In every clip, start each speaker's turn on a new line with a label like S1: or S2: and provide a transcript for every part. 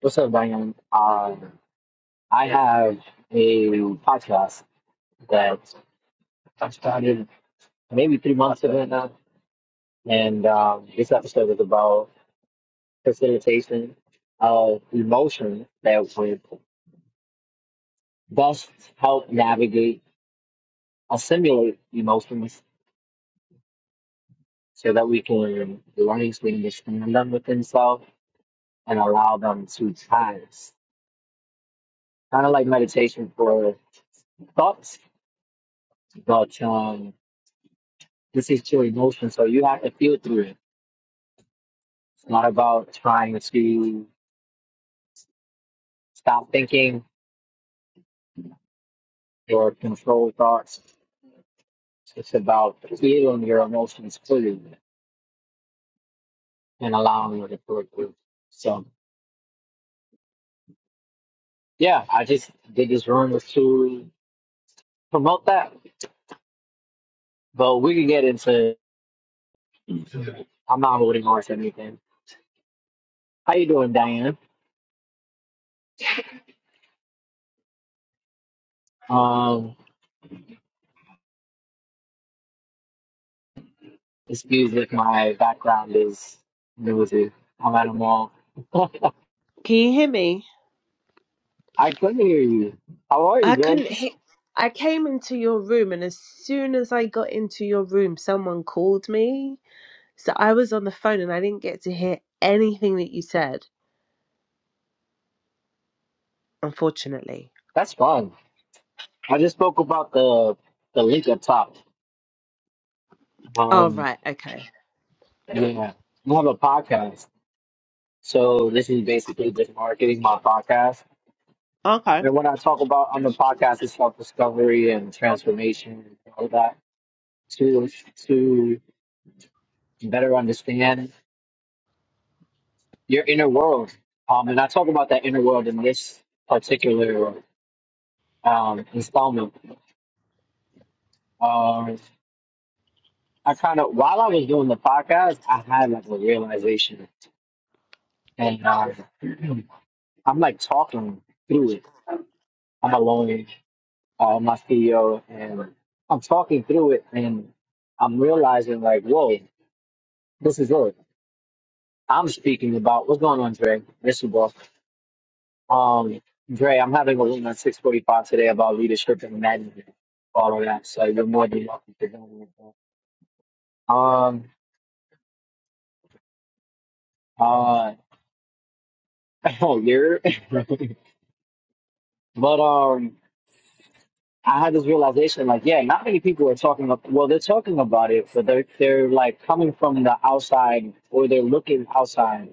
S1: What's up, Diane? Um, I have a podcast that I started maybe three months ago now, and um, this episode is about facilitation of emotion that would thus help navigate or simulate emotions so that we can largely understand them within self and allow them to pass. Kind of like meditation for thoughts, but um, this is your emotion, so you have to feel through it It's not about trying to stop thinking or control thoughts. It's about feeling your emotions fully and allowing it to flow through. So, yeah, I just did this room was to promote that, but we can get into. I'm not holding horse or anything. How you doing, Diane? Um, excuse if my background is noisy. I'm at a mall.
S2: Can you hear me?
S1: I couldn't hear you. How are you,
S2: I couldn't
S1: Bugs?
S2: hear. I came into your room, and as soon as I got into your room, someone called me. So I was on the phone and I didn't get to hear anything that you said, unfortunately.
S1: That's fun. I just spoke about the the link up top.
S2: Oh,
S1: Um,
S2: right. Okay.
S1: yeah, I have a podcast, so this is basically just marketing my podcast.
S2: Okay.
S1: And when I talk about on the podcast, it's self discovery and transformation, and all that to to better understand your inner world. Um, and I talk about that inner world in this particular um installment. Um, I kind of while I was doing the podcast, I had like a realization, and um I'm like talking through it. I'm a lawyer, uh, my CEO, and I'm talking through it, and I'm realizing like, whoa, this is it. I'm speaking about what's going on, Dre. This is boss. Um, Dre, I'm having a room at 6:45 today about leadership and management, all of that. So you're more than welcome to join me. Um, uh, oh, you're, but um. I had this realization, like, yeah, not many people are talking up. Well, they're talking about it, but they're they're like coming from the outside, or they're looking outside.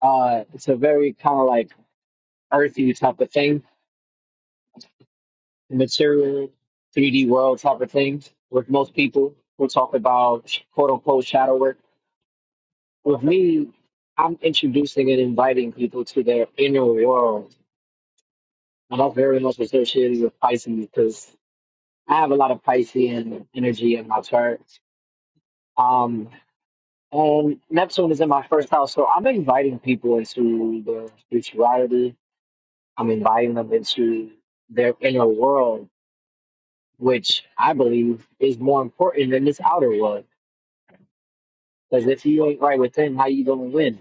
S1: Uh, it's a very kind of like earthy type of thing, material, three D world type of thing. With most people, we'll talk about quote unquote shadow work. With me, I'm introducing and inviting people to their inner world, and that's very much associated with Pisces because I have a lot of Piscean energy in my chart. Um, And Neptune is in my first house, so I'm inviting people into their spirituality. I'm inviting them into their inner world, which I believe is more important than this outer world. Because if you ain't right within, how you gonna win?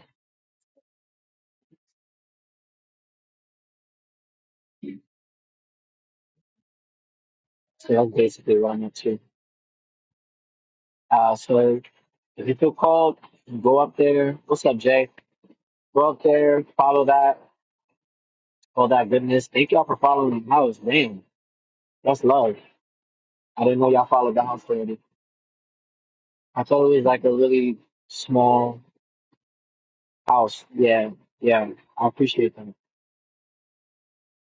S1: So that's basically what I'm into. Uh, so if you feel called, go up there. What's up, Jay? Go up there, follow that, all that goodness. Thank y'all for following the house. Damn, that's love. I didn't know y'all followed the house already. I thought it was like a really small house. Yeah, yeah. I appreciate them.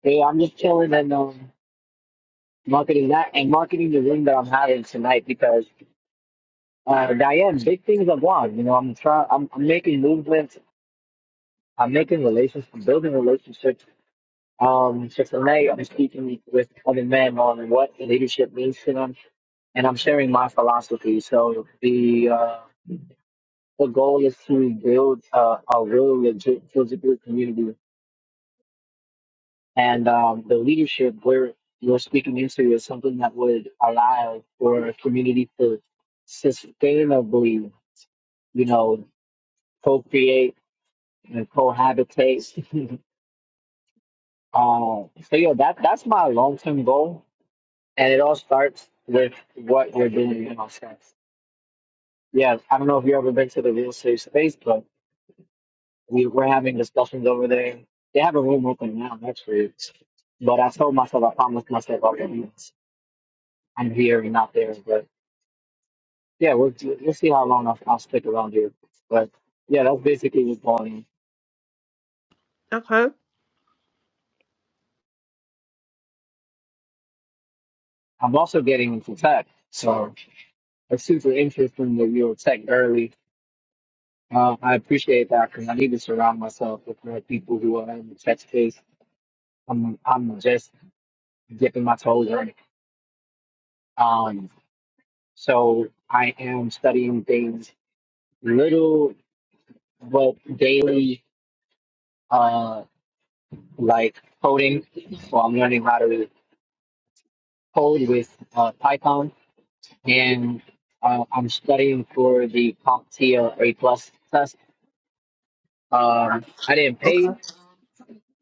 S1: Hey, I'm just chilling and um, marketing that and marketing the room that I'm having tonight because uh, Diane, big things are gone. You know, I'm trying. I'm, I'm making movements. I'm making relations, I'm building relationships. Um, so tonight I'm speaking with other men on what leadership means to them, and I'm sharing my philosophy. So the uh, the goal is to build uh, a real legit physical community and um, the leadership we're we're speaking into is something that would allow for a community to sustainably, you know, co-create and cohabitate. um, so yeah, that that's my long-term goal, and it all starts with what you are doing in our sense. Yeah, I don't know if you've ever been to the real estate space, but we we're having discussions over there. They have a room open now, that's weird. But I told myself, I promised myself, okay. I'm here and not there. But yeah, we'll we'll see how long I'll, I'll stick around here. But yeah, that's basically what's going on.
S2: Okay.
S1: I'm also getting into tech, so it's super interesting that you were tech early. Uh, I appreciate that because I need to surround myself with more people who are in the tech space. I'm I'm just dipping my toes in. Um, so I am studying things little but daily, uh, like coding. So I'm learning how to code with uh, Python and uh, I'm studying for the CompTIA A plus test. Um, I didn't
S2: Okay.
S1: pay.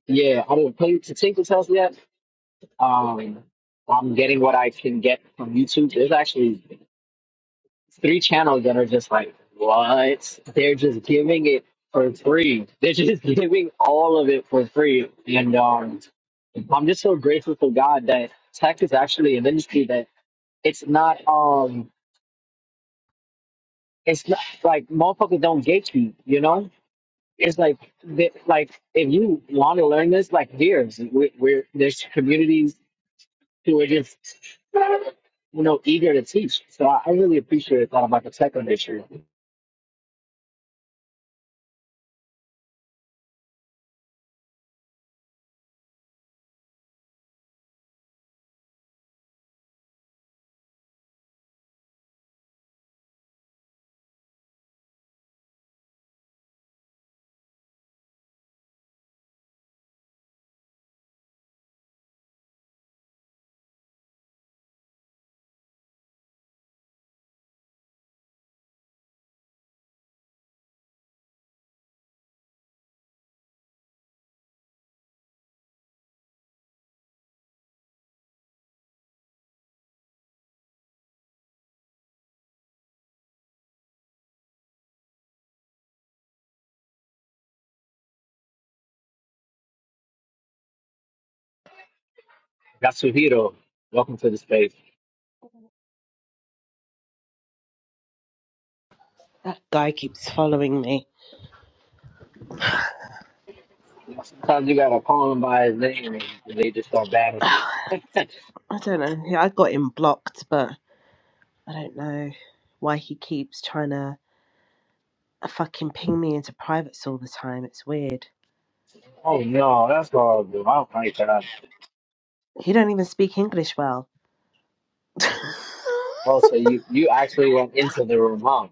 S1: Yeah, I didn't pay to take the test yet. Um, I'm getting what I can get from YouTube. There's actually three channels that are just like, what? They're just giving it for free. They're just giving all of it for free. And um, I'm just so grateful for God that tech is actually an industry that it's not um it's not like motherfuckers don't gatekeep, you know? it's like that, like if you want to learn this, like there's we're, we're there's communities who are just you know eager to teach. So I, I really appreciate that about the tech industry. Yasuhiro, welcome to the space.
S2: That guy keeps following me.
S1: You know, Sometimes you gotta call them by his name and they just start banishing.
S2: I don't know. yeah, I got him blocked, but I don't know why he keeps trying to fucking ping me into privates all the time. It's weird.
S1: Oh no, that's horrible. I don't like that.
S2: He don't even speak English well.
S1: Oh, so you you actually went into the room, huh?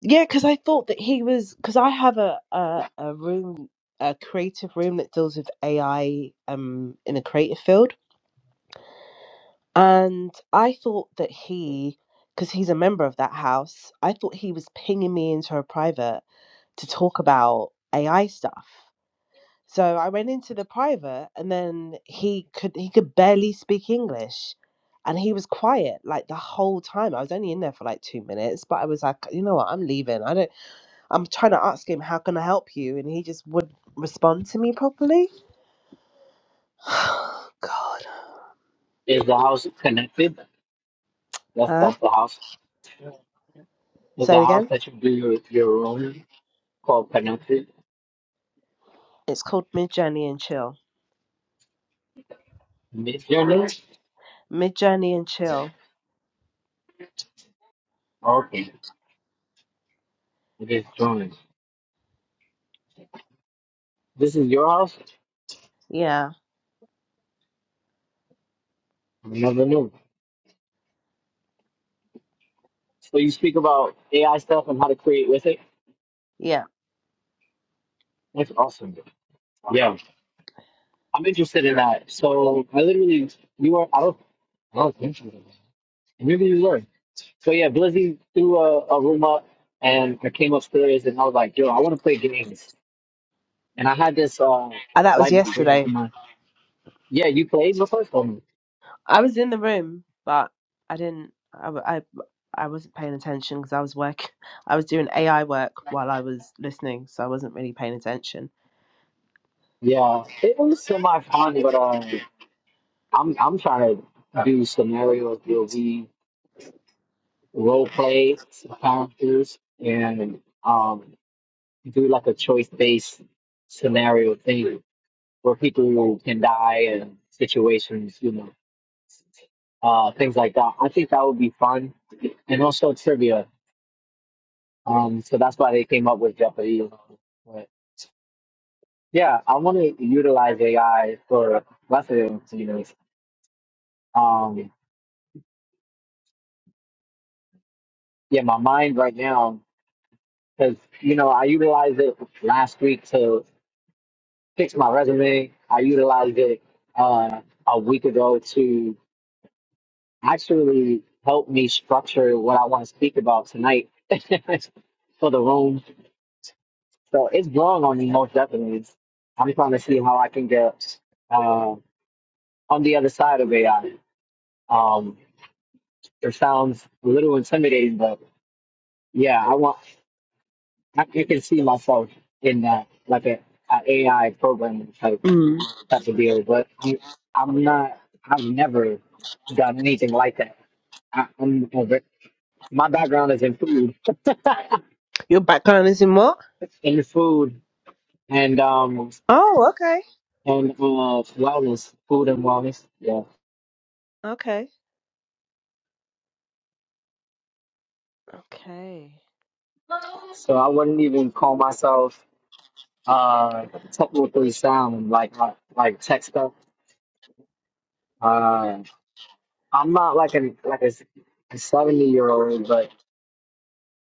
S2: Yeah, because I thought that he was because I have a, a a room, a creative room that deals with AI um in the creative field, and I thought that he, because he's a member of that house, I thought he was pinging me into a private to talk about AI stuff. So I went into the private, and then he could he could barely speak English, and he was quiet like the whole time. I was only in there for like two minutes, but I was like, you know what, I'm leaving. I don't. I'm trying to ask him, how can I help you? And he just wouldn't respond to me properly. God.
S1: Is the house connected? That's
S2: Huh?
S1: that's the house. Is
S2: Say
S1: the
S2: it
S1: house
S2: again.
S1: that you do your your room called connected?
S2: It's called Mid Journey and Chill.
S1: This your name?
S2: Mid Journey and Chill.
S1: Okay, it is Jonas. This is your house?
S2: Yeah.
S1: I never knew. So you speak about AI stuff and how to create with it?
S2: Yeah.
S1: That's awesome. Yeah, I'm interested in that. So I literally, you were, I don't, I maybe you were. So yeah, Blizzy threw a, a room up and I came upstairs and I was like, yo, I want to play games. And I had this uh,
S2: And that was
S1: light bulb going up
S2: yesterday.
S1: in my, yeah, you played before? Um,
S2: I was in the room, but I didn't, I, w- I, I wasn't paying attention because I was work. I was doing AI work while I was listening, so I wasn't really paying attention.
S1: yeah, it was semi-fun, but uh, I'm, I'm trying to do scenarios, build role play some characters and um do like a choice based scenario thing where people can die and situations, you know, uh things like that. I think that would be fun. And also trivia. Um so that's why they came up with Jeopardy. But yeah, I wanna utilize AI for lessons, you know. Um yeah, my mind right now because you know I utilized it last week to. fixed my resume. I utilized it uh, a week ago to actually help me structure what I want to speak about tonight for the room. So it's growing on me most definitely. It's, I'm trying to see how I can get uh, on the other side of AI. Um, it sounds a little intimidating, but yeah, I want. I, I can see myself in that, like a, a AI programming type.
S2: Mm.
S1: type of deal. But I'm, I'm not. I've never done anything like that. I, I'm over. My background is in food,
S2: Your background is in what?
S1: in food, and um,
S2: Oh, okay.
S1: and uh, wellness, food and wellness. Yeah.
S2: Okay. Okay.
S1: So I wouldn't even call myself uh technically sound like uh, like tech stuff. Uh, I'm not like a like a, a seventy year old, but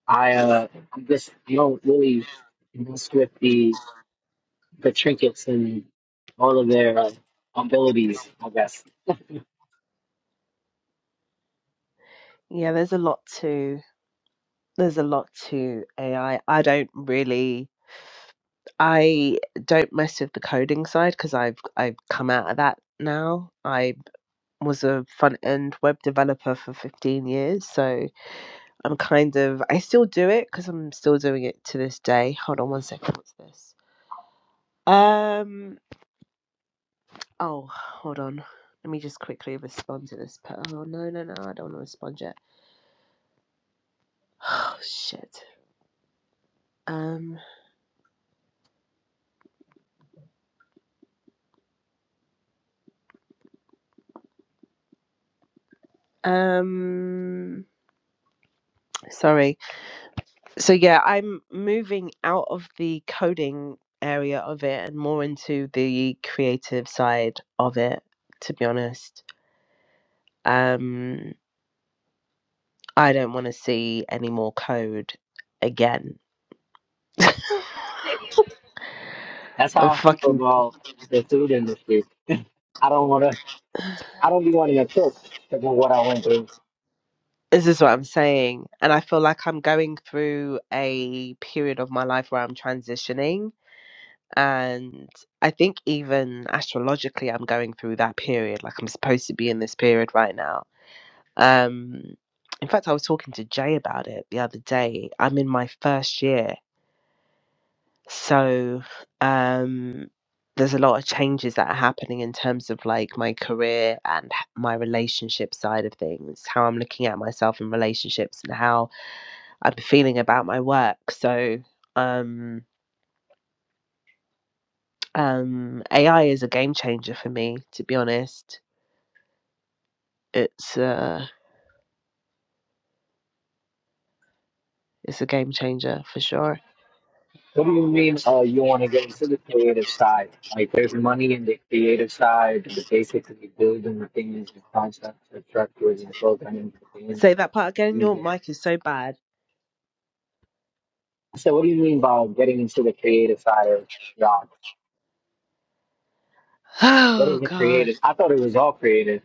S1: I uh, I'm just I don't really mess with the the trinkets and all of their uh, abilities. I guess
S2: Yeah, there's a lot to There's a lot to AI. I I don't really, I don't mess with the coding side because I've I've come out of that now. I was a front end web developer for 15 years, so I'm kind of I still do it because I'm still doing it to this day. Hold on one second. What's this? Um. Oh, hold on. Let me just quickly respond to this. pe- Oh no no no! I don't want to respond yet. Oh shit. Um. Um. Sorry. so yeah, I'm moving out of the coding area of it and more into the creative side of it, to be honest. Um, I don't want to see any more code again.
S1: that's
S2: I'm
S1: how I feel
S2: fucking.
S1: about the food industry. I don't want to. I don't be wanting to tilt to go what I went through.
S2: This is what I'm saying. And I feel like I'm going through a period of my life where I'm transitioning. And I think even astrologically, I'm going through that period. Like I'm supposed to be in this period right now Um, in fact, I was talking to Jay about it the other day. I'm in my first year, so um, there's a lot of changes that are happening in terms of like my career and h- my relationship side of things, how I'm looking at myself in relationships, and how I'm feeling about my work. So, um, um, AI is a game changer for me, to be honest. It's uh, it's a game changer for sure.
S1: What do you mean? Uh, you want to get into the creative side? Like there's money in the creative side, and basically building the things, the concepts, the structures, and programming the things
S2: Say
S1: that
S2: that part again.
S1: you
S2: Your
S1: did.
S2: mic is so bad.
S1: I what do you mean by getting into the creative side of job? What
S2: Oh
S1: is the
S2: God.
S1: creative? I thought it was all creative.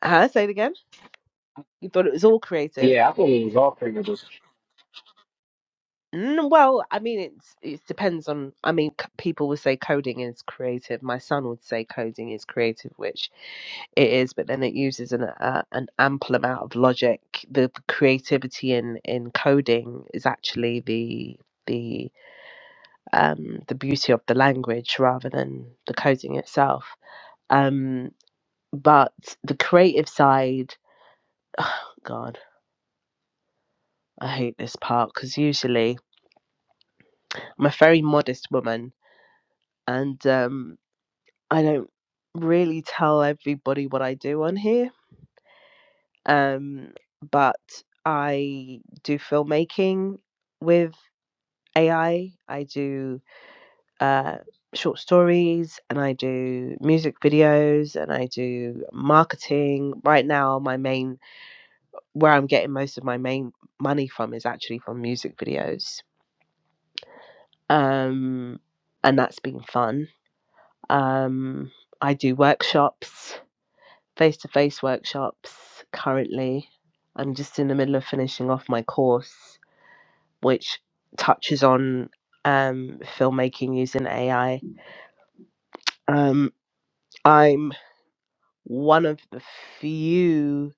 S2: Uh, say it again. You thought it was all creative.
S1: Yeah, I thought it was all creative.
S2: Mm, well, I mean, it's it depends on. I mean, c- people would say coding is creative. My son would say coding is creative, which it is, but then it uses an uh, an ample amount of logic. The creativity in in coding is actually the the um the beauty of the language rather than the coding itself. Um, but the creative side, God. I hate this part because usually I'm a very modest woman and um, I don't really tell everybody what I do on here. Um, but I do filmmaking with AI, I I do uh, short stories, and I do music videos, and I do marketing. Right now, my main, where I'm getting most of my main money from is actually from music videos. Um, and that's been fun Um, I do workshops, face to face workshops currently. I'm just in the middle of finishing off my course, which touches on um, filmmaking using AI. Um, I'm one of the few,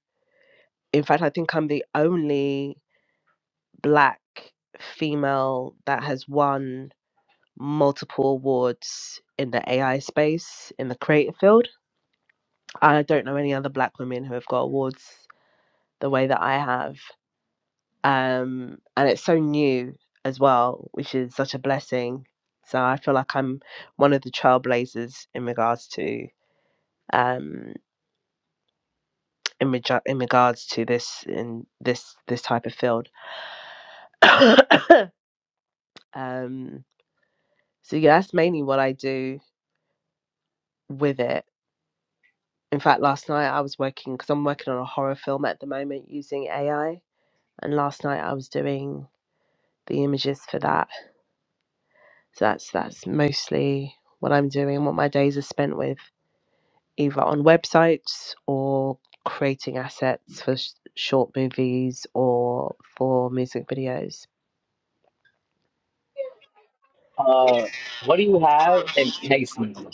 S2: in fact, I think I'm the only black female that has won multiple awards in the AI space in the creative field. I don't know any other black women who have got awards the way that I have. Um, and it's so new as well, which is such a blessing. So I feel like I'm one of the trailblazers in regards to um, in, reg- in regards to this in this this type of field. um, so yeah, that's mainly what I do with it. In fact, last night I was working because I'm working on a horror film at the moment using AI, and last night I was doing the images for that So that's that's mostly what I'm doing, what my days are spent with, either on websites or creating assets for sh- short movies or for music videos.
S1: Uh, what do you have in Iceland?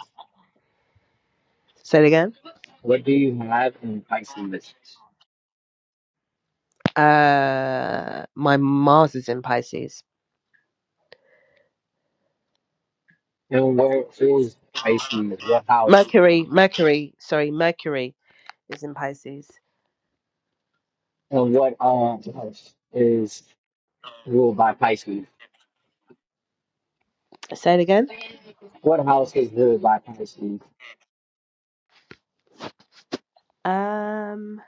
S2: Say it again.
S1: What do you have in Iceland?
S2: Uh, my Mars is in Pisces.
S1: And where is Iceland? What house?
S2: Mercury, Mercury, sorry, Mercury is in Pisces.
S1: And what um house is ruled by Pisces?
S2: Say it again.
S1: What house is ruled by Pisces?
S2: Um,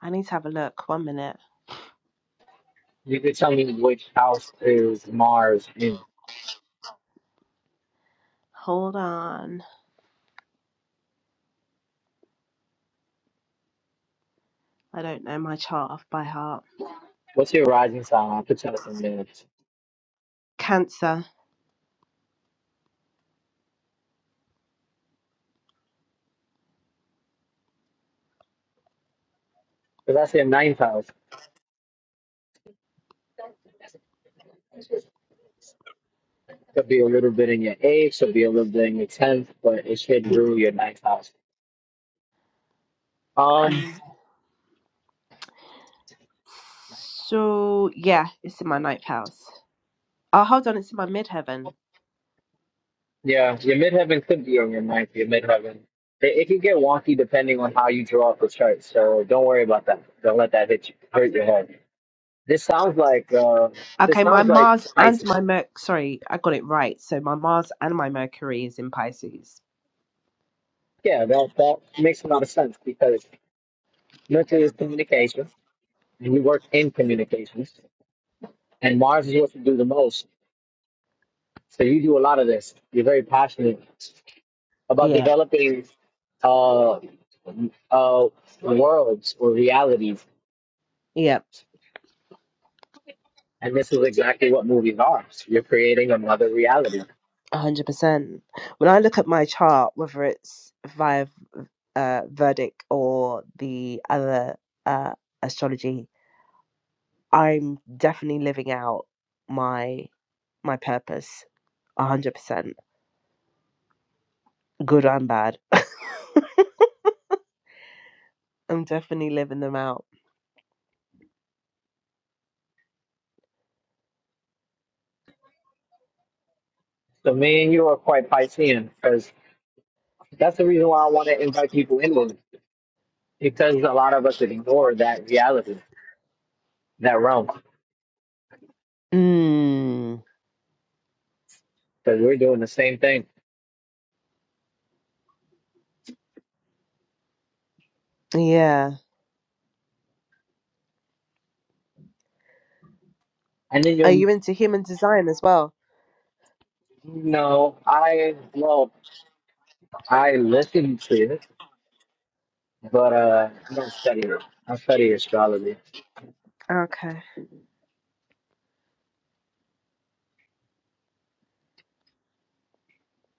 S2: I need to have a look. One minute.
S1: You could tell me which house is Mars in.
S2: Hold on. I don't know my chart off by heart.
S1: What's your rising sign? I could tell it in minutes.
S2: Cancer.
S1: Because I said ninth house. Could be a little bit in your eighth, could be a little bit in your tenth, but it should rule your ninth house. Um.
S2: Um, So yeah, it's in my ninth house. Oh, hold on, it's in my midheaven.
S1: Yeah, your midheaven could be on your ninth, your midheaven. It, it can get wonky depending on how you draw up the chart, so don't worry about that. Don't let that hit you, hurt your head. This sounds like uh, this
S2: Okay, my
S1: sounds like
S2: Mars and
S1: Pisces.
S2: my Merc. Sorry, I got it right. So my Mars and my Mercury is in Pisces.
S1: Yeah, that that makes a lot of sense because Mercury is communication, and you work in communications, and Mars is what you do the most. So you do a lot of this. You're very passionate about
S2: Yeah,
S1: developing uh, uh, worlds or realities
S2: yeah,
S1: And this is exactly what movies are. You're creating another reality.
S2: a hundred percent. When I look at my chart, whether it's via uh, Verdict or the other uh, astrology, I'm definitely living out my my purpose. a hundred percent, good and bad. I'm definitely living them out.
S1: So me and you are quite Piscean because that's the reason why I want to invite people in with me. Because a lot of us ignore that reality, that realm,
S2: Mm.
S1: because we're doing the same thing.
S2: Yeah.
S1: And then
S2: Are
S1: you're, you
S2: you into human design as well?
S1: know, I, well, I listen to it, but uh, I don't study it. I study astrology.
S2: Okay.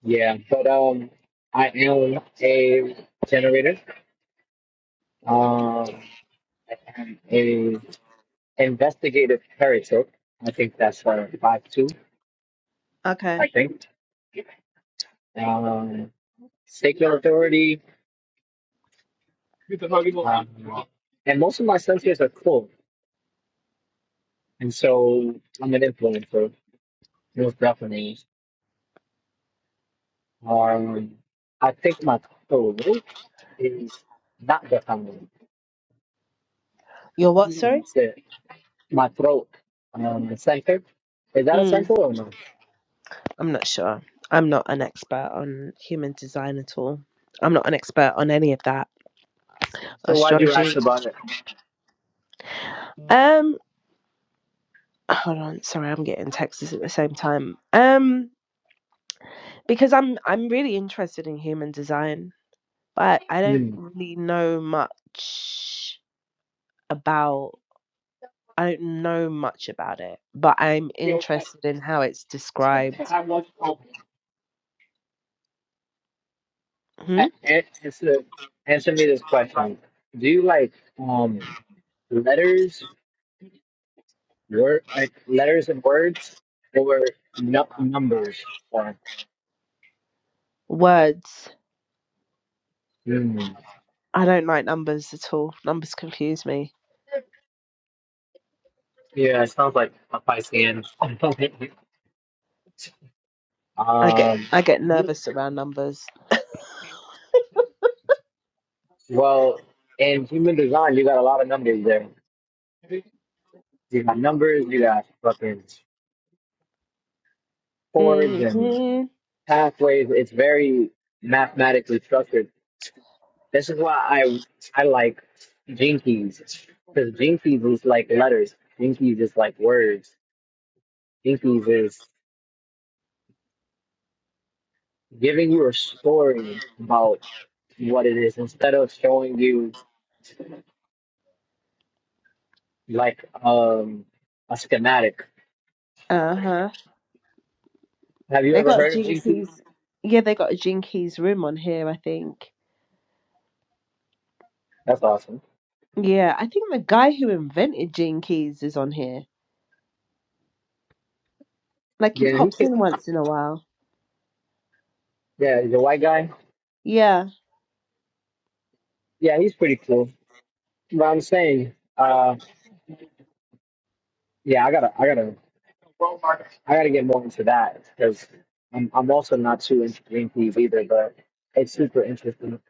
S1: Yeah, but um, I am a generator. Um, I am a. investigative heretic. I think that's uh, five two.
S2: Okay.
S1: I think um, secular authority. Um, and most of my senses are full, and so I'm an influencer, most definitely. Um, I think my throat is not defined.
S2: You're what, sorry?
S1: That's it. My throat, um, the center. Is that
S2: Mm.
S1: essential or no?
S2: I'm not sure. I'm not an expert on human design at all. I'm not an expert on any of that.
S1: So why'd you ask
S2: Astrology.
S1: about it?
S2: Um hold on, sorry, I'm getting texts at the same time. Um because I'm I'm really interested in human design, but I don't
S1: Hmm.
S2: really know much about I don't know much about it, but I'm interested in how it's described. Hmm?
S1: A- a- Answer, answer me this question. Do you like um letters, word, like letters and words, or nu- numbers or
S2: Words.
S1: mm.
S2: I don't like numbers at all. Numbers confuse me.
S1: Yeah, it sounds like a Piscean.
S2: I get
S1: um,
S2: I get nervous around numbers.
S1: well, in human design, you got a lot of numbers there. You got numbers, you got fucking chords and
S2: hmm
S1: pathways. It's very mathematically structured. This is why I I like Jinkies because Jinkies is like letters. Jinkies is like words. Jinkies is giving you a story about what it is instead of showing you like um a schematic.
S2: Uh huh.
S1: Have you
S2: They
S1: ever
S2: got
S1: heard of Jinkies?
S2: Jinkies. Yeah, they got a Jinkies room on here. I think.
S1: That's awesome.
S2: Yeah, I think the guy who invented Jinkies is on here. Like he
S1: Yeah, he
S2: pops
S1: could,
S2: in once in a while.
S1: yeah, he's a white guy.
S2: Yeah.
S1: Yeah, he's pretty cool. But I'm saying, uh, yeah, I gotta I gotta I got to get more into that because I'm, I'm also not too into Green Peas either, but it's super interesting.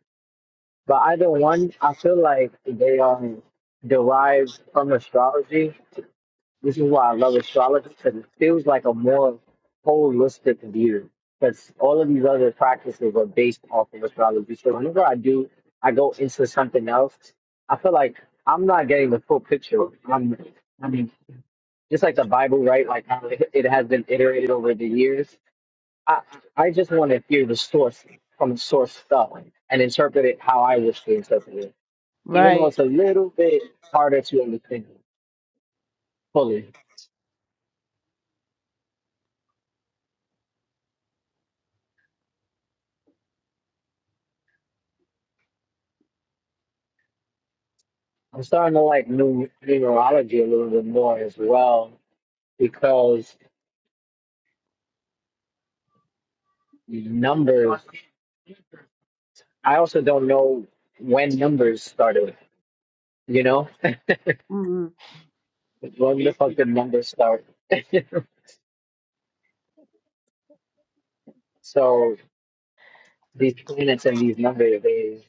S1: But either one, I feel like they are derived from astrology. This is why I love astrology because it feels like a more holistic view. Because all of these other practices are based off of astrology. So whenever I do, I go into something else. I feel like I'm not getting the full picture. I'm, I mean, just like the Bible, right? Like how it it has been iterated over the years I, I just want to hear the source from the source stuff and interpret it how I wish to interpret it, even though it's
S2: Right.
S1: a little bit harder to understand fully. I'm starting to like new numerology a little bit more as well because numbers. I also don't know when numbers started. You know,
S2: Mm.
S1: when the fuck did numbers start? so these planets and these numbers, they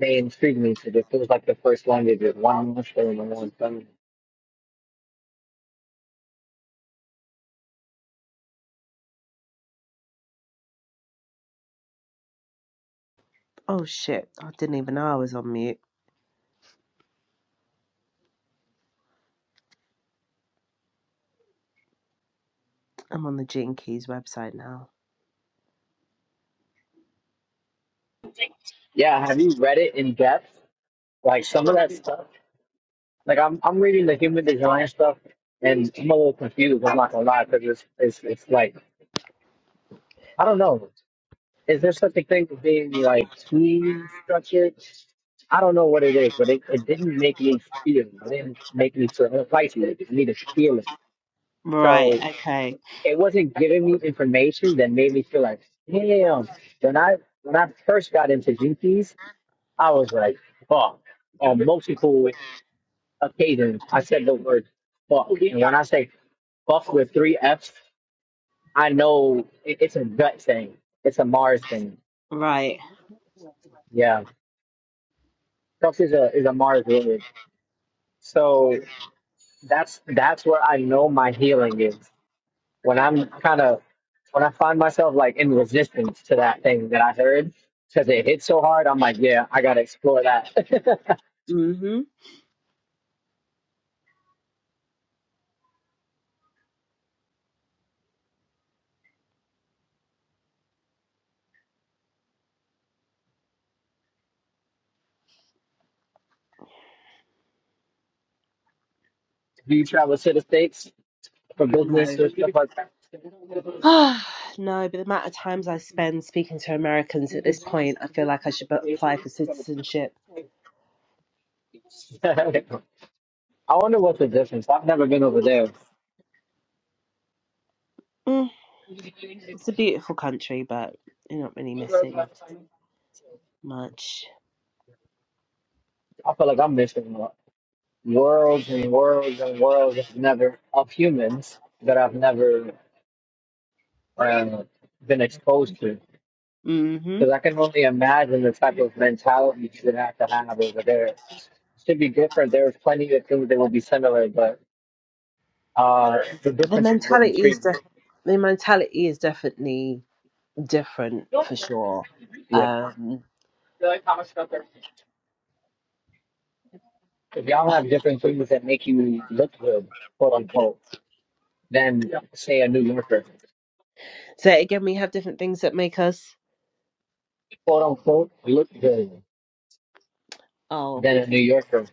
S1: they intrigue me because it feels like the first language is one muscle and one thing.
S2: Oh shit! I didn't even know I was on mute. I'm on the Jinkies website now.
S1: Yeah, have you read it in depth? Like some of that stuff. Like I'm I'm reading the human design stuff, and I'm a little confused. I'm not gonna lie, because it's it's it's like I don't know. Is there such a thing as being like too structured? I don't know what it is, but it, it didn't make me feel. It didn't make me feel like it. It made me feel it. So
S2: Right.
S1: it,
S2: Okay.
S1: it wasn't giving me information that made me feel like, damn. When I when I first got into GPs, I was like, fuck on multiple occasions I said the word fuck. And when I say fuck with three F's, I know it, it's a gut thing. It's a Mars thing.
S2: Right.
S1: Yeah. Fuck is a is a Mars word. So that's that's where I know my healing is. When I'm kind of when I find myself like in resistance to that thing that I heard because it hit so hard, I'm like, yeah, I gotta explore that.
S2: Mhm.
S1: Do you travel to the states for
S2: No.
S1: business or stuff like
S2: Ah no, but the amount of times I spend speaking to Americans at this point, I feel like I should apply for citizenship.
S1: that? I wonder what's the difference. I've never been over there.
S2: Mm, it's a beautiful country, but you're not really missing much.
S1: I feel like I'm missing out. worlds and worlds and worlds of never of humans that I've never um, been exposed to.
S2: hmm
S1: Because I can only imagine the type of mentality you would have to have over there. It should be different. There's plenty of things that will be similar, but uh, the
S2: The
S1: differences would
S2: mentality is
S1: intrigue me.
S2: def- the mentality is definitely different for sure.
S1: Yeah.
S2: Um,
S1: If y'all have different things that make you look good, quote unquote, then say a New Yorker,
S2: so again, we have different things that make us.
S1: quote unquote, look good
S2: Oh,
S1: than a New Yorker.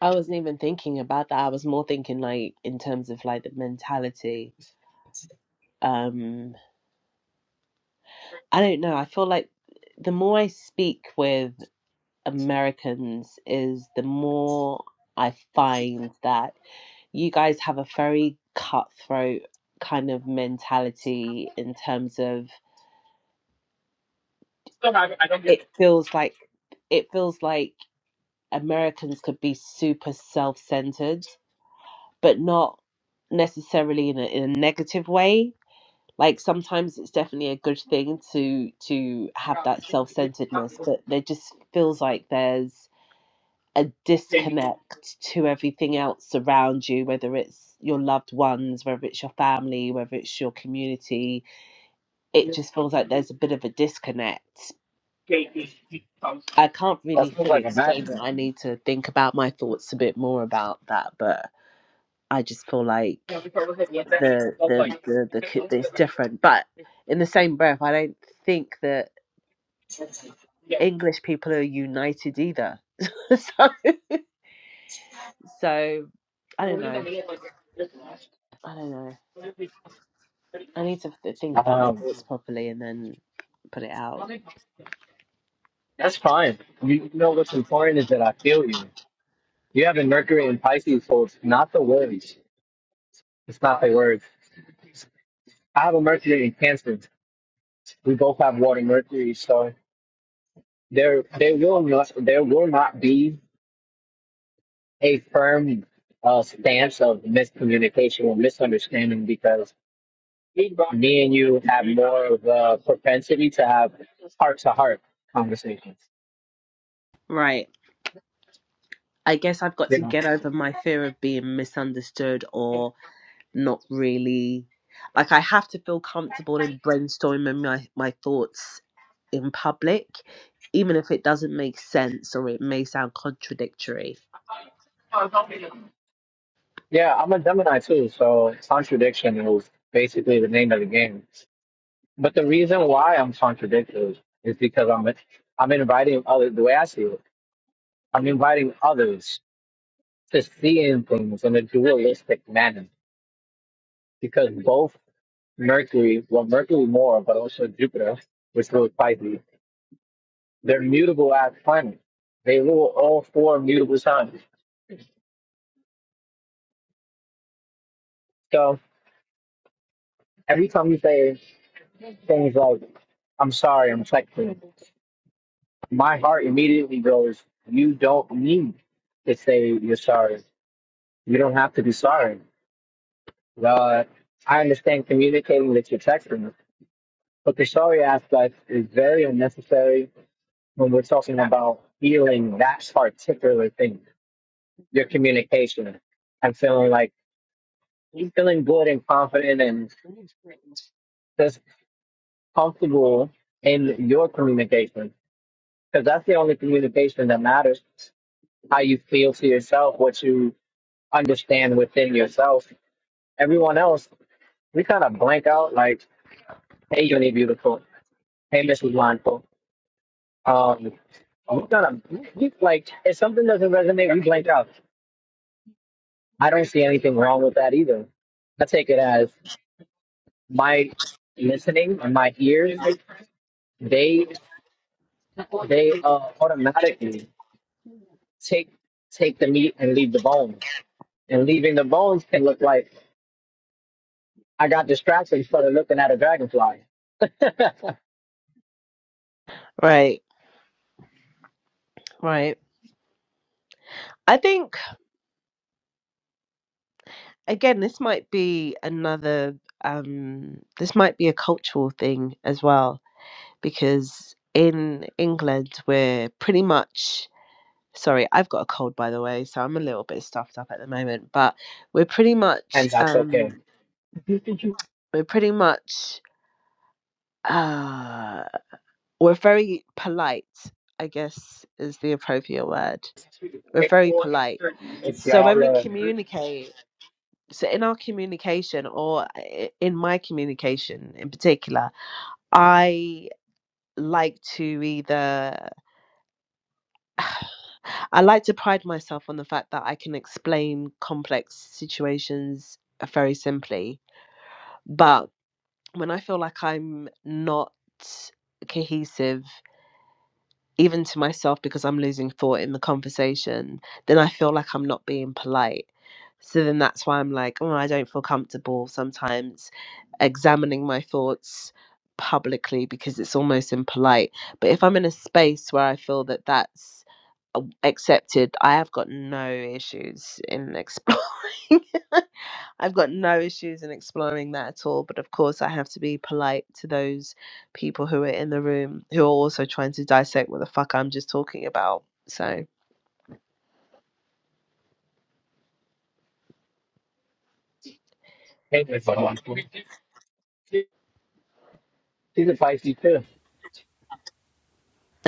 S2: I wasn't even thinking about that. I was more thinking like in terms of like the mentality. Um. I don't know. I feel like the more I speak with Americans is the more I find that you guys have a very cutthroat kind of mentality in terms of it feels like it feels like Americans could be super self-centered, but not necessarily in a, in a negative way. Like sometimes it's definitely a good thing to to have that self-centeredness, but there just feels like there's a disconnect to everything else around you, whether it's your loved ones, whether it's your family, whether it's your community. It just feels like there's a bit of a disconnect. I can't
S1: That's
S2: really
S1: not
S2: fully
S1: like a
S2: explain
S1: match.
S2: it. I need to think about my thoughts a bit more about that, but I just feel like the the the, the, ki- it's different. But in the same breath, I don't think that English people are united either. so, so I don't know. I don't know. I need to th- think about my
S1: Um,
S2: thoughts properly and then put it out.
S1: that's fine. You know what's important is that I feel you. You have a Mercury in Pisces, so it's not the words. It's not the words. I have a Mercury in Cancer. We both have water Mercury, so there there will not there will not be a firm uh, stance of miscommunication or misunderstanding because me and you have more of a propensity to have heart to heart conversations.
S2: Right. I guess I've got
S1: You
S2: to
S1: know.
S2: get over my fear of being misunderstood or not really. Like, I have to feel comfortable in brainstorming my, my thoughts in public, even if it doesn't make sense or it may sound contradictory.
S1: Yeah, I'm a Gemini too, so contradiction is basically the name of the game. But the reason why I'm contradicted is because I'm I'm inviting others. The way I see it, I'm inviting others to seeing things in a dualistic manner. Because both Mercury, well, Mercury more, but also Jupiter, which rules Pisces, they're mutable as planets. They rule all four mutable signs. So every time you say things like "I'm sorry, I'm flexing," my heart immediately goes, You don't need to say you're sorry. You don't have to be sorry. Uh, I understand communicating that you're texting, but the sorry aspect is very unnecessary when we're talking about feeling that particular thing, your communication. I'm feeling like you're feeling good and confident and just comfortable in your communication because that's the only communication that matters. How you feel to yourself, what you understand within yourself. Everyone else, we kind of blank out like, hey, Uni Beautiful. Hey, Mrs. Mindful. Um, we kind of, we, we- like, if something doesn't resonate, we blank out. I don't see anything wrong with that either. I take it as my listening and my ears, they, they uh, automatically take, take the meat and leave the bones. And leaving the bones can look like I got distracted instead of looking at a dragonfly.
S2: Right, right. I think, again, this might be another, um, this might be a cultural thing as well because in England we're pretty much sorry, I've got a cold by the way, so I'm a little bit stuffed up at the moment, but we're pretty
S1: And
S2: much
S1: that's okay.
S2: um we're pretty much uh we're very polite, I guess is the appropriate word. We're very polite.
S1: If
S2: So when
S1: y'all
S2: we
S1: uh,
S2: communicate, so in our communication or i- in my communication in particular, I like to either I like to pride myself on the fact that I can explain complex situations uh, very simply. But when I feel like I'm not cohesive, even to myself, because I'm losing thought in the conversation, then I feel like I'm not being polite. So then that's why I'm like, oh, I don't feel comfortable sometimes examining my thoughts publicly because it's almost impolite. But if I'm in a space where I feel that that's uh, accepted. I have got no issues in exploring. I've got no issues in exploring that at all. But of course, I have to be polite to those people who are in the room who are also trying to dissect what the fuck I'm just talking about. So,
S1: hang with someone, she's a Pisces too.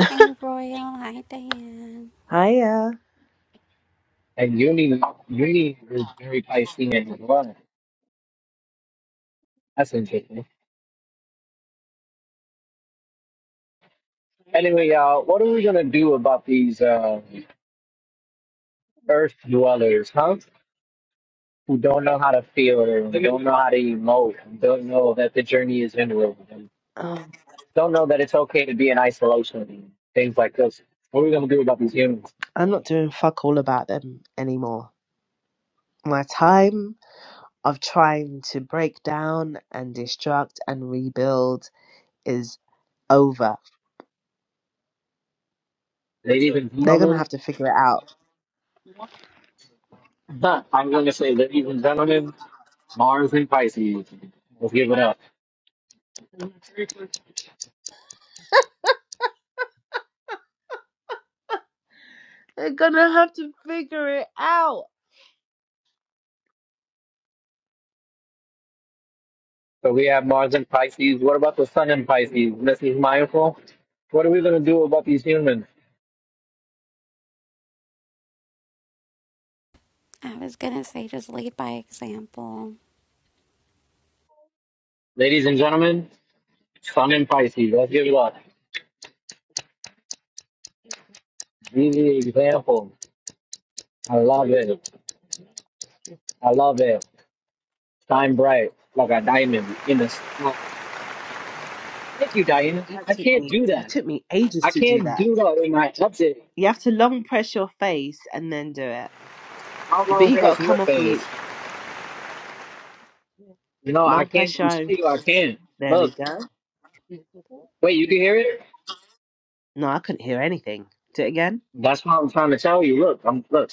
S3: Hey, Royal. Hi, Diane.
S2: hiya.
S1: And Uni, Uni is very Piscean as well. That's interesting. Anyway, y'all, what are we gonna do about these uh, Earth dwellers, huh? Who don't know how to feel, or don't know how to emote, and don't know that the journey is inward, and
S2: Oh,
S1: don't know that it's okay to be in isolation, and things like this. What are we gonna do about these humans?
S2: I'm not doing fuck all about them anymore. My time of trying to break down and destruct and rebuild is over.
S1: Ladies and
S2: They're gonna
S1: gentlemen,
S2: have to figure it out.
S1: I'm gonna say, ladies and gentlemen, Mars and Pisces. Let's give it up.
S2: They're gonna have to figure it out.
S1: So we have Mars and Pisces. What about the Sun and Pisces? Mrs. Mindful? What are we going to do about these humans?
S3: I was gonna say just lead by example.
S1: Ladies and gentlemen, Sun and Pisces. Let's give it up. Easy example. I love it. I love it. Shine bright like a diamond in the. s- Thank you, Diana. I
S2: That
S1: I
S2: took
S1: can't
S2: me
S1: do
S2: that
S1: that.
S2: took me ages
S1: I
S2: to do
S1: can't
S2: that.
S1: do that in my update.
S2: You have to long press your face and then do it.
S1: How
S2: But
S1: long
S2: you gotta
S1: past your
S2: come off mute.
S1: phase? You know, I
S2: Long
S1: can't.
S2: press your
S1: I'm
S2: own
S1: telling you, I
S2: face.
S1: can't.
S2: There we
S1: Look,
S2: go.
S1: wait, you can hear it?
S2: No, I couldn't hear anything. Do it again.
S1: That's what I'm trying to tell you. Look, I'm look.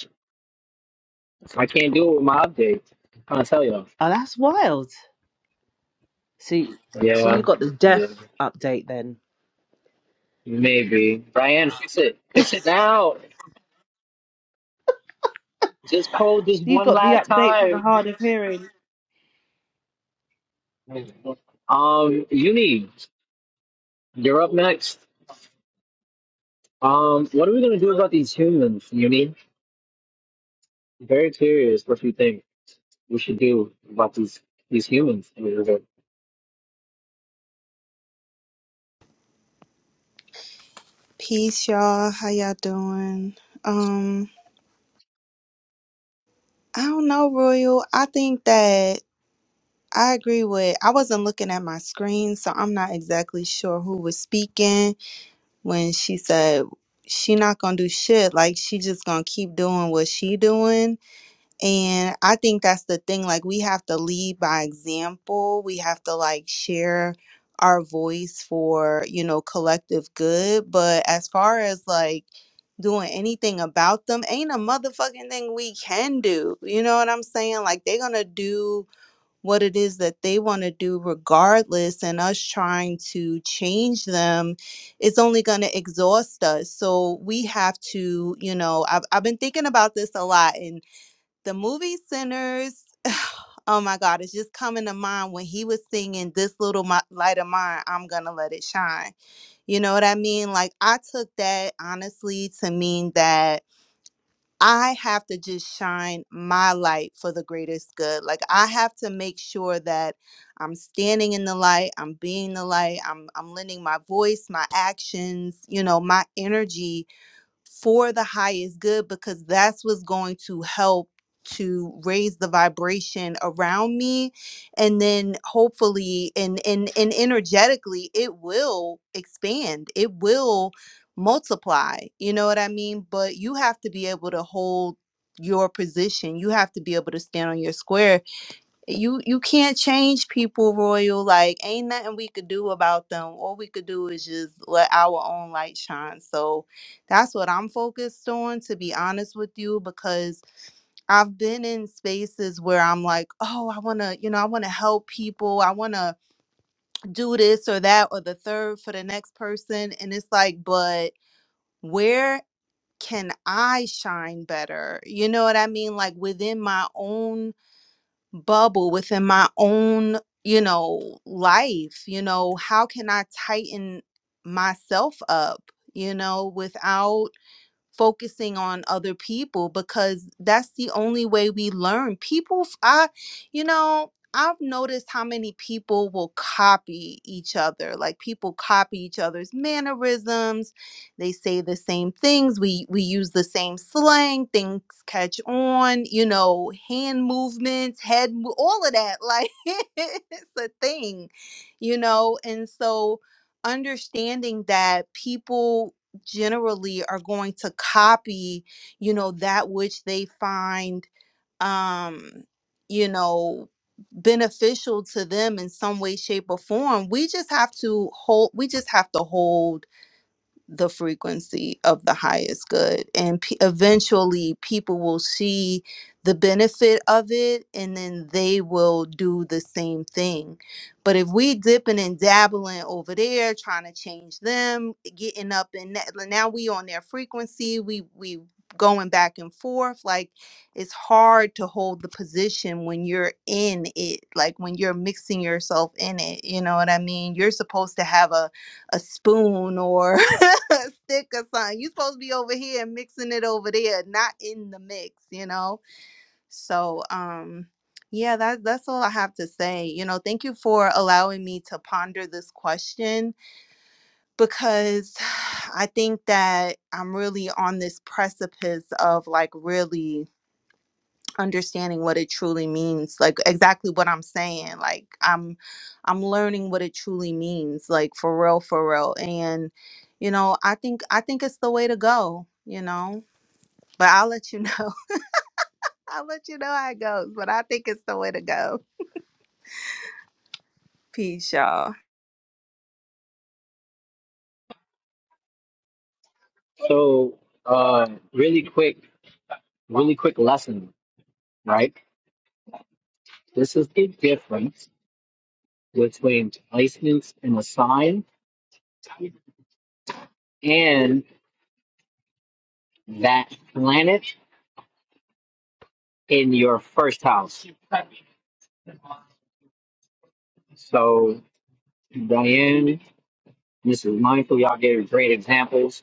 S1: I can't do it with my updates. I'm trying to tell y'all.
S2: Oh that's wild. So so you
S1: Yeah,
S2: got the deaf
S1: yeah,
S2: update then.
S1: maybe. Brian, fix it. Fix it now. Just poll this
S2: You
S1: one
S2: got the
S1: last
S2: update for the
S1: time.
S2: hard of hearing.
S1: Um, Uni, you're up next. Um, what are we gonna do about these humans, Uni? Very curious what you think we should do about these these humans.
S4: Peace, y'all. How y'all doing? Um, I don't know, Royal. I think that I agree with. I wasn't looking at my screen, so I'm not exactly sure who was speaking when she said she not gonna do shit. Like she just gonna keep doing what she doing. And I think that's the thing. Like, we have to lead by example. We have to, like, share our voice for, you know, collective good. But as far as, like, doing anything about them, ain't a motherfucking thing we can do. You know what I'm saying? Like, they're going to do what it is that they want to do regardless. And us trying to change them is only going to exhaust us. So we have to, you know, I've, I've been thinking about this a lot. And the movie centers oh my god it's just coming to mind when he was singing this little mi- light of mine i'm gonna let it shine you know what i mean like i took that honestly to mean that i have to just shine my light for the greatest good like i have to make sure that i'm standing in the light i'm being the light i'm i'm lending my voice my actions you know my energy for the highest good because that's what's going to help to raise the vibration around me and then hopefully and and and energetically it will expand it will multiply you know what i mean but you have to be able to hold your position you have to be able to stand on your square you you can't change people royal like ain't nothing we could do about them all we could do is just let our own light shine so that's what i'm focused on to be honest with you because i've been in spaces where i'm like oh i want to you know i want to help people i want to do this or that or the third for the next person and it's like but where can i shine better you know what i mean like within my own bubble within my own you know life you know how can i tighten myself up you know without focusing on other people because that's the only way we learn. People, f- I, you know, I've noticed how many people will copy each other. Like people copy each other's mannerisms. They say the same things. We we use the same slang. Things catch on. You know, hand movements, head, mo- all of that. Like it's a thing, you know. And so understanding that people generally are going to copy you know that which they find um you know beneficial to them in some way shape or form we just have to hold we just have to hold the frequency of the highest good and pe eventually people will see the benefit of it and then they will do the same thing but if we dipping and dabbling over there trying to change them getting up and now we on their frequency we we going back and forth like it's hard to hold the position when you're in it like when you're mixing yourself in it you know what i mean you're supposed to have a a spoon or a stick or something. you supposed to be over here and mixing it over there, not in the mix, you know? So um yeah, that that's all I have to say. You know, thank you for allowing me to ponder this question because I think that I'm really on this precipice of like really understanding what it truly means like exactly what i'm saying like i'm i'm learning what it truly means like for real for real and you know i think i think it's the way to go you know but i'll let you know i'll let you know how it goes but i think it's the way to go peace y'all
S1: So, uh, really quick, really quick lesson, right? This is the difference between placements and assign and that planet in your first house. So, Diane, Mrs. Mindful, y'all gave great examples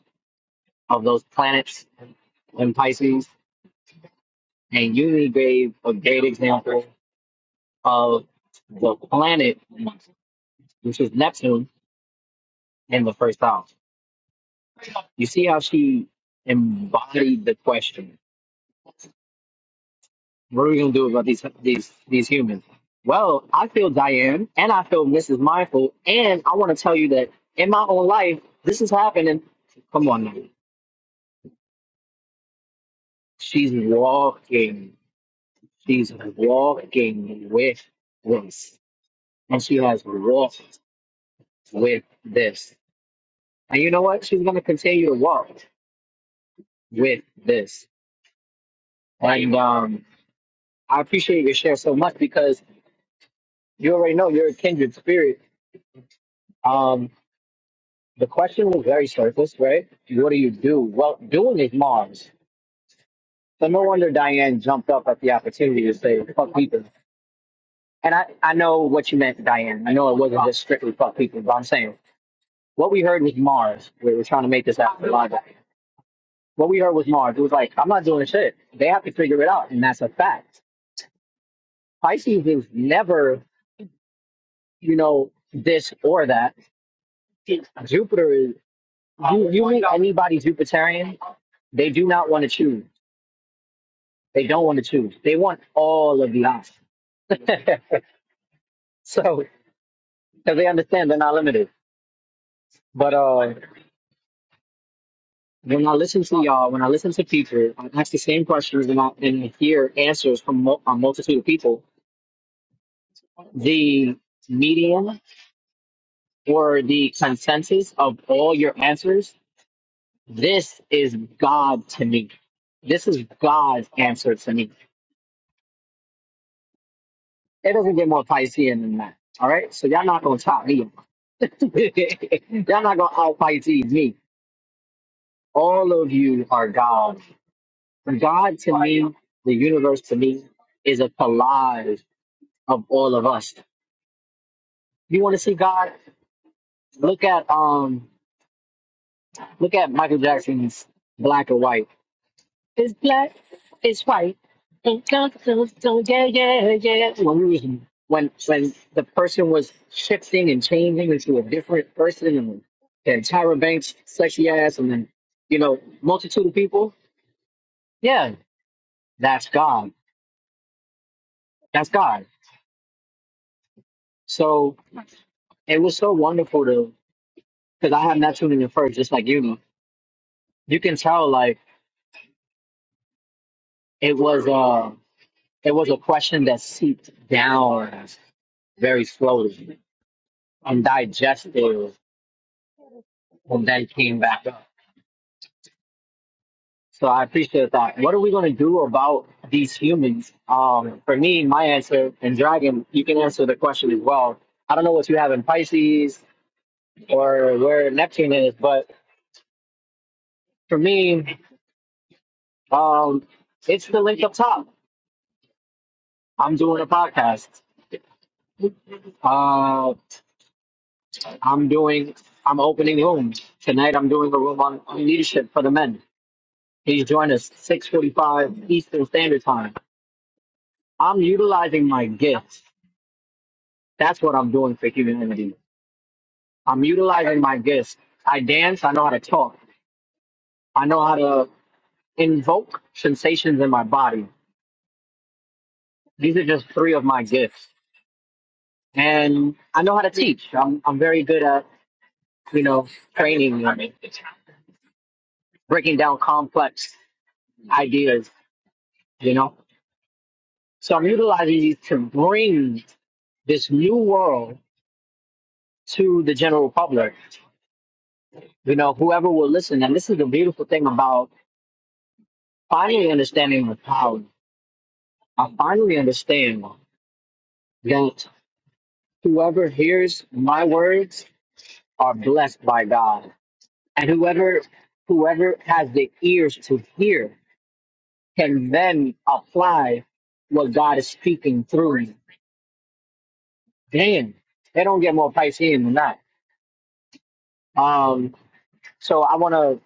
S1: of those planets in Pisces, and you gave a great example of the planet, which is Neptune, in the first house. You see how she embodied the question. What are we gonna do about these these these humans? Well, I feel Diane and I feel Mrs. Mindful, and I want to tell you that in my own life, this is happening. Come on, now. she's walking. She's walking with this, and she has walked with this. And you know what? She's gonna continue to walk with this. And um, I appreciate your share so much because you already know you're a kindred spirit. Um, The question was very surface, right? What do you do? Well, doing is Mars. So no wonder Diane jumped up at the opportunity to say "fuck people." And I, I know what you meant, Diane. I know it wasn't just strictly "fuck people," but I'm saying what we heard was Mars. We were trying to make this out logic. What we heard was Mars. It was like I'm not doing shit. They have to figure it out, and that's a fact. Pisces is never, you know, this or that. Jupiter is. You, you meet anybody Jupiterian, they do not want to choose. They don't want to choose. They want all of the options. so, because they understand they're not limited. But uh, when I listen to y'all, when I listen to people, I ask the same questions and I and hear answers from mul- a multitude of people. The median or the consensus of all your answers, this is God to me. This is God's answer to me. It doesn't get more Piscean than that. All right, so y'all not gonna top me. y'all not gonna out Pisces me All of you are God. God to me, the universe to me, is a collage of all of us. You want to see God? Look at um, look at Michael Jackson's Black or White. It's black, it's white. And God goes, so yeah, yeah, yeah. When we when when the person was shifting and changing into a different person, and then Tyra Banks, sexy ass, and then you know, multitude of people. Yeah, that's God. That's God. So it was so wonderful to because I have Neptune in the first, just like you. You can tell like it was uh it was a question that seeped down very slowly and digested and then came back up. So I appreciate that. What are we gonna do about these humans? Um for me, my answer and Dragon, you can answer the question as well. I don't know what you have in Pisces or where Neptune is, but for me, um it's the link up top I'm doing a podcast. Uh, I'm doing. I'm opening rooms tonight. I'm doing a room on, on leadership for the men. Please join us 6:45 Eastern Standard Time. I'm utilizing my gifts. That's what I'm doing for humanity. I'm utilizing my gifts. I dance. I know how to talk. I know how to invoke sensations in my body. These are just three of my gifts, and I know how to teach. I'm I'm very good at you know training and breaking down complex ideas, you know? So I'm utilizing these to bring this new world to the general public, you know, whoever will listen. And this is the beautiful thing about finally understanding the power. I finally understand that whoever hears my words are blessed by God. And whoever whoever has the ears to hear can then apply what God is speaking through. me. Damn, they don't get more Piscean than that. Um, So I want to.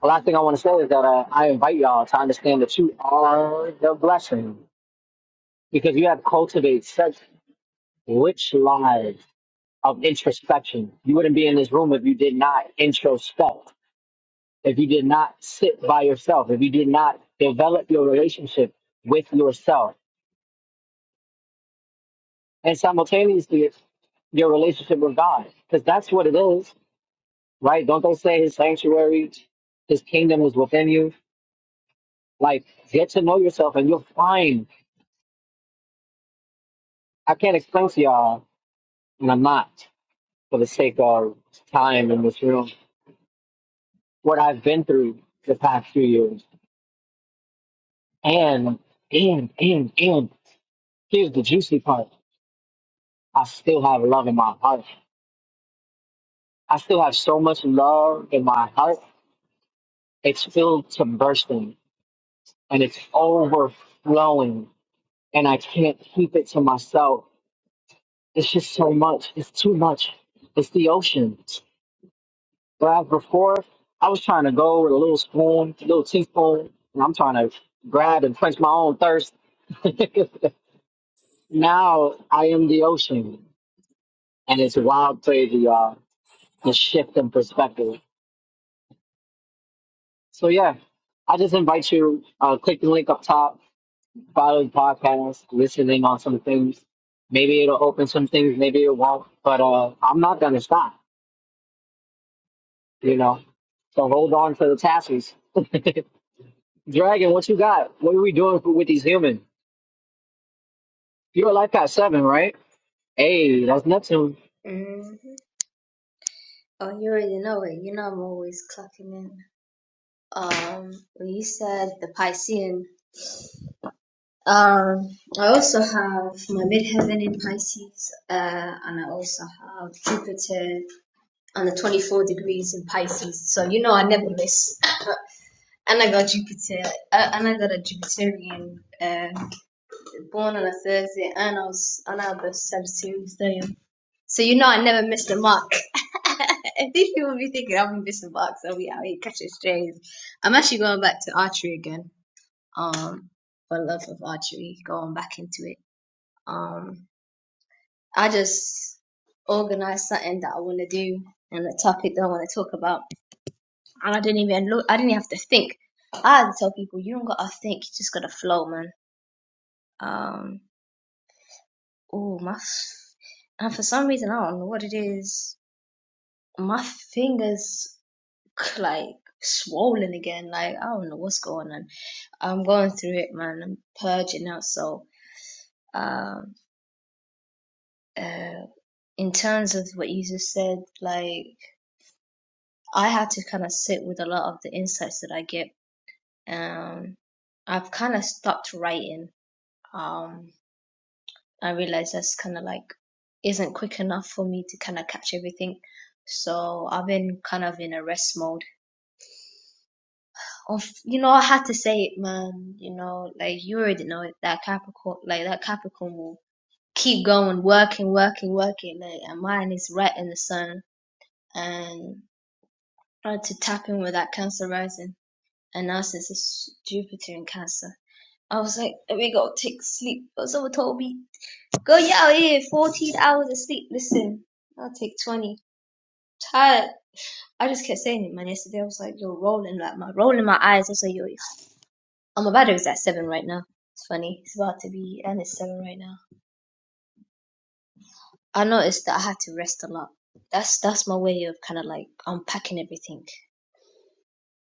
S1: The last thing I want to say is that uh, I invite y'all to understand that you are the blessing because you have cultivated such rich lives of introspection. You wouldn't be in this room if you did not introspect, if you did not sit by yourself, if you did not develop your relationship with yourself, and simultaneously your relationship with God, because that's what it is, right? Don't they say His sanctuary, His kingdom is within you? Like, get to know yourself, and you'll find I can't explain to y'all, and I'm not for the sake of time in this room, what I've been through the past few years. And, and, and, and here's the juicy part. I still have love in my heart. I still have so much love in my heart. It's filled to bursting and it's overflowing. And I can't keep it to myself. It's just so much. It's too much. It's the ocean. grab the fork. I was trying to go with a little spoon, a little teaspoon, and I'm trying to grab and quench my own thirst. now I am the ocean, and it's wild, crazy, y'all. The shift in perspective. So yeah, I just invite you. Uh, click the link up top. Follow the podcast. Listening on some things. Maybe it'll open some things. Maybe it won't. But uh, I'm not gonna stop. You know. So hold on to the tassels. Dragon, what you got? What are we doing for, with these humans? You're a life past seven, right? Hey, that's Neptune.
S5: hmm Oh, you already know it. You know I'm always clocking in. Um, well, you said the Piscean. Um, I also have my midheaven in Pisces, uh, and I also have Jupiter on the 24 degrees in Pisces. So you know I never miss. And I got Jupiter, uh, and I got a Jupiterian, uh, born on a Thursday, and I was, and I have a Sagittarius day. So you know I never missed a mark. I think People will be thinking i am missing marks. I'll be out here catching strays. I'm actually going back to archery again. Um, for love of archery, going back into it. Um, I just organized something that I want to do and a topic that I want to talk about, and I didn't even look. I didn't even have to think. I had to tell people you don't gotta think, you just gotta flow, man. Um, oh my, f- and for some reason I don't know what it is. My fingers. like swollen again. Like I don't know what's going on. I'm going through it, man. I'm purging out. So, um, uh, in terms of what you just said, like I had to kind of sit with a lot of the insights that I get. Um, I've kind of stopped writing. Um, I realized that's kind of like isn't quick enough for me to kind of catch everything. So I've been kind of in a rest mode Of you know, I had to say it, man. You know, like you already know it. That Capricorn, like that Capricorn, will keep going, working, working, working. Like, and mine is right in the sun. And tried to tap in with that Cancer rising, and now since it's Jupiter in Cancer, I was like, we gotta take sleep." But someone told me, girl, you out here, fourteen hours of sleep." Listen, I'll take twenty. Tired. I just kept saying it, man. Yesterday I was like, "You're rolling," like my rolling my eyes. I was like, "You're I'm about Um, Obadiah's at seven right now. It's funny. It's about to be, and it's seven right now. I noticed that I had to rest a lot. That's that's my way of kind of like unpacking everything.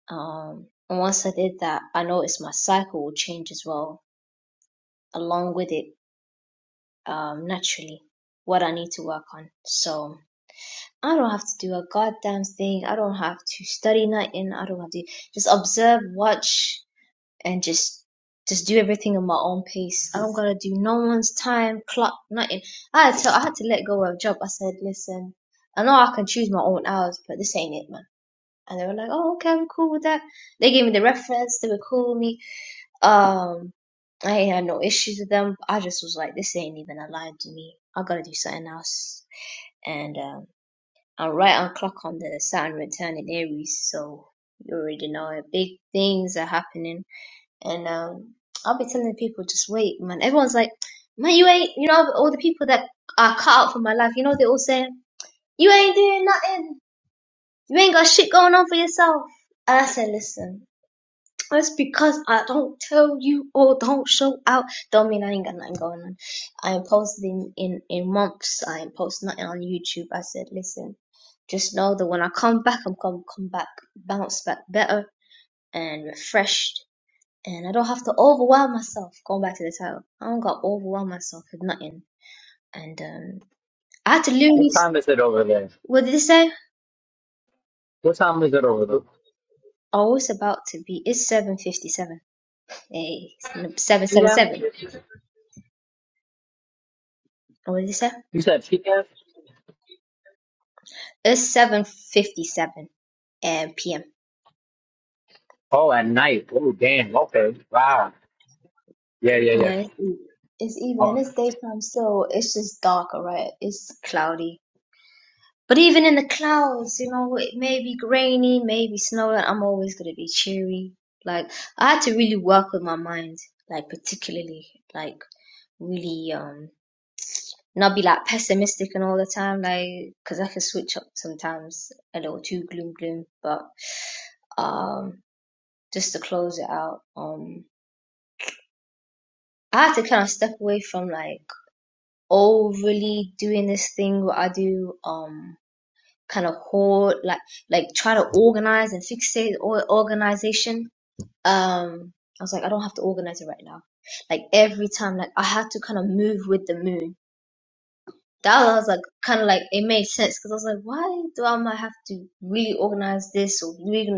S5: Um, and once I did that, I noticed my cycle will change as well, along with it, um, naturally, what I need to work on. So I don't have to do a goddamn thing. I don't have to study nothing. I don't have to just observe, watch, and just just do everything at my own pace. I don't gotta do no one's time clock nothing. I had to I had to let go of a job. I said, listen, I know I can choose my own hours, but this ain't it, man. And they were like, oh okay, I'm cool with that. They gave me the reference. They were cool with me. Um, I ain't had no issues with them. I just was like, this ain't even aligned to me. I gotta do something else. And um, I'm right on clock on the Saturn return in Aries, so you already know it. Big things are happening and um, I'll be telling people, just wait, man. Everyone's like, man, you ain't, you know, all the people that are cut out from my life, you know, they all say, you ain't doing nothing. You ain't got shit going on for yourself. And I said, listen, that's because I don't tell you or don't show out. Don't mean I ain't got nothing going on. I ain't posted in, in, in months. I ain't posted nothing on YouTube. I said, listen, just know that when I come back, I'm going to come back, bounce back better and refreshed and I don't have to overwhelm myself. Going back to the title, I don't got to overwhelm myself with nothing. And um, I had to literally,
S1: What time is it over there?
S5: what did it say?
S1: What time is it over there?
S5: Oh, it's about to be. It's seven fifty-seven. Hey, it's n- seven seven
S1: PM?
S5: seven. Oh, What did it say?
S1: You said PM?
S5: It's seven fifty-seven um, p.m.
S1: Oh, at night. Oh, damn. Okay. Wow. Yeah, yeah,
S5: Yeah,
S1: yeah.
S5: it's, eve- it's evening.
S1: Oh,
S5: It's daytime, so it's just dark. All right, it's cloudy But even in the clouds, you know, it may be grainy, maybe snowing, I'm always gonna be cheery. Like I had to really work with my mind, like particularly, like really um not be like pessimistic and all the time, like, 'cause I can switch up sometimes a little too gloom gloom, but um just to close it out, um I had to kind of step away from like overly doing this thing what I do, um kind of hold like like try to organize and fixate or organization um i was like i don't have to organize it right now like every time like i had to kind of move with the moon that was like kind of like it made sense because i was like why do i might have to really organize this or really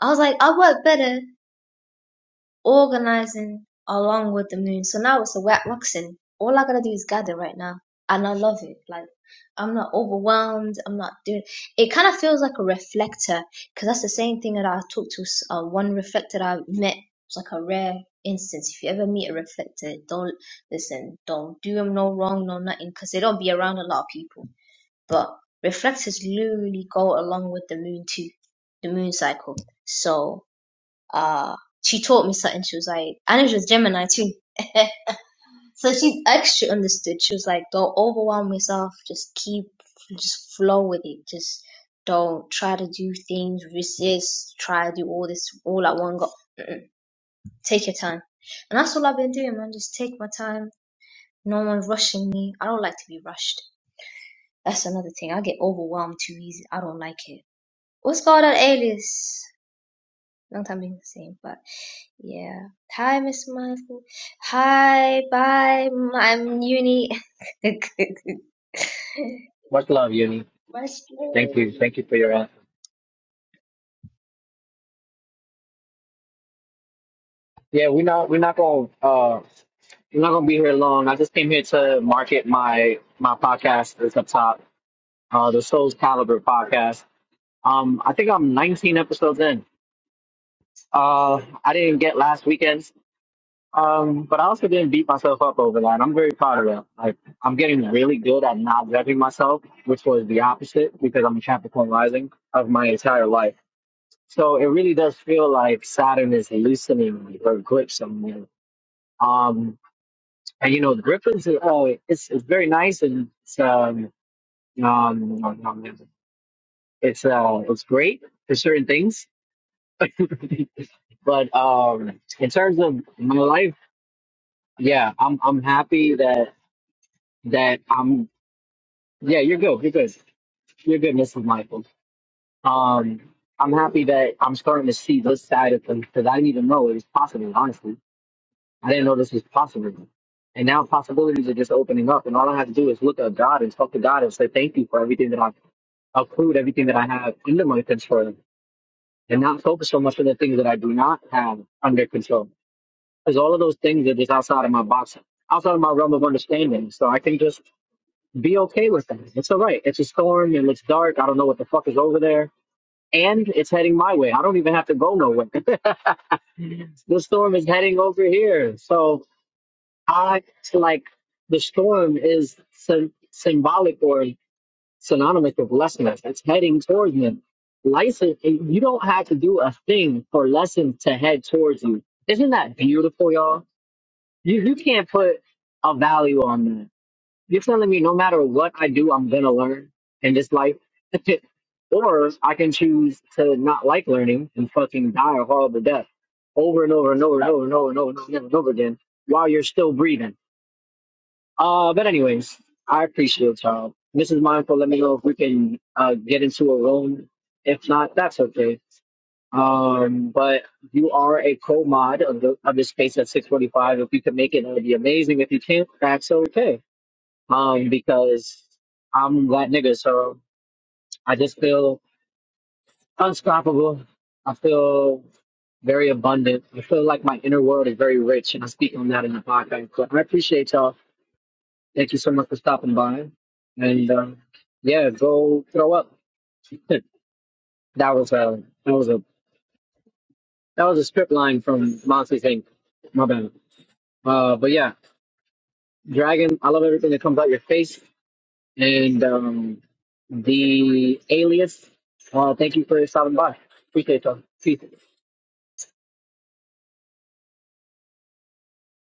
S5: i was like i work better organizing along with the moon. So now it's a wet waxing. All I gotta do is gather right now, and I love it. Like I'm not overwhelmed. I'm not doing. It kind of feels like a reflector because that's the same thing that I talked to uh, one reflector that I met. It's like a rare instance. If you ever meet a reflector, don't listen. Don't do them no wrong, no nothing, because they don't be around a lot of people. But reflectors literally go along with the moon too, the moon cycle. So uh, she taught me something. She was like, and it was Gemini too. So she actually understood. She was like, don't overwhelm yourself. Just keep, just flow with it. Just don't try to do things, resist, try to do all this all at one go. Mm-mm. Take your time. And that's all I've been doing, man. Just take my time. No one's rushing me. I don't like to be rushed. That's another thing. I get overwhelmed too easy. I don't like it. What's going on, Alias? long time being the same, but yeah. Hi, Miss Mindful. Hi, bye. i I'm Uni. Much
S1: much love, Uni. Thank you.
S5: love.
S1: Thank you for your answer. Yeah, we're not we're not gonna uh we're not gonna be here long. I just came here to market my my podcast that's up top, uh the Souls Caliber podcast. Um I think I'm nineteen episodes in. Uh, I didn't get last weekend's, um, but I also didn't beat myself up over that. I'm very proud of that. Like, I'm getting really good at not judging myself, which was the opposite because I'm a Capricorn rising of my entire life. So it really does feel like Saturn is loosening her grips on me. Um, and you know, the Griffin's, uh, it's, it's very nice and it's, um, um, it's, uh, it's great for certain things. but um, in terms of my life. Yeah, I'm I'm happy that that I'm yeah, you're good. You're good. You're good, Mrs. Michael. Um I'm happy that I'm starting to see this side of things because I didn't even know it was possible, honestly. I didn't know this was possible. And now possibilities are just opening up and all I have to do is look at God and talk to God and say thank you for everything that I've accrued, everything that I have under my control and not focus so much on the things that I do not have under control. Because all of those things are just outside of my box, outside of my realm of understanding. So I can just Be okay with that. It's all right. It's a storm and it's dark. I don't know what the fuck is over there. And it's heading my way. I don't even have to go nowhere. the storm is heading over here. So I like the storm is sym symbolic or synonymous with lessons. It's heading towards me. License, you don't have to do a thing for lessons to head towards you. Isn't that beautiful, y'all? You you can't put a value on that. You're telling me no matter what I do, I'm gonna learn in this life, or I can choose to not like learning and fucking die a horrible death over and over and over and over and over and over and over and over, and over again while you're still breathing. Uh, but anyways, I appreciate y'all. Mrs. Mindful, let me know if we can uh get into a room. If not, that's okay. Um, but you are a co mod of the of the space at 645. If you can make it, it would be amazing. If you can't, that's okay um, because I'm a black nigga, so I just feel unstoppable. I feel very abundant. I feel like my inner world is very rich, and I speak on that in the podcast. So I appreciate y'all. Thank you so much for stopping by, and um, yeah, go throw up. that was a that was a that was a script line from Monty Thing. My bad. Uh, but yeah, Dragon, I love everything that comes out your face. And um, the alias, uh, thank you for stopping by. Appreciate y'all. See you.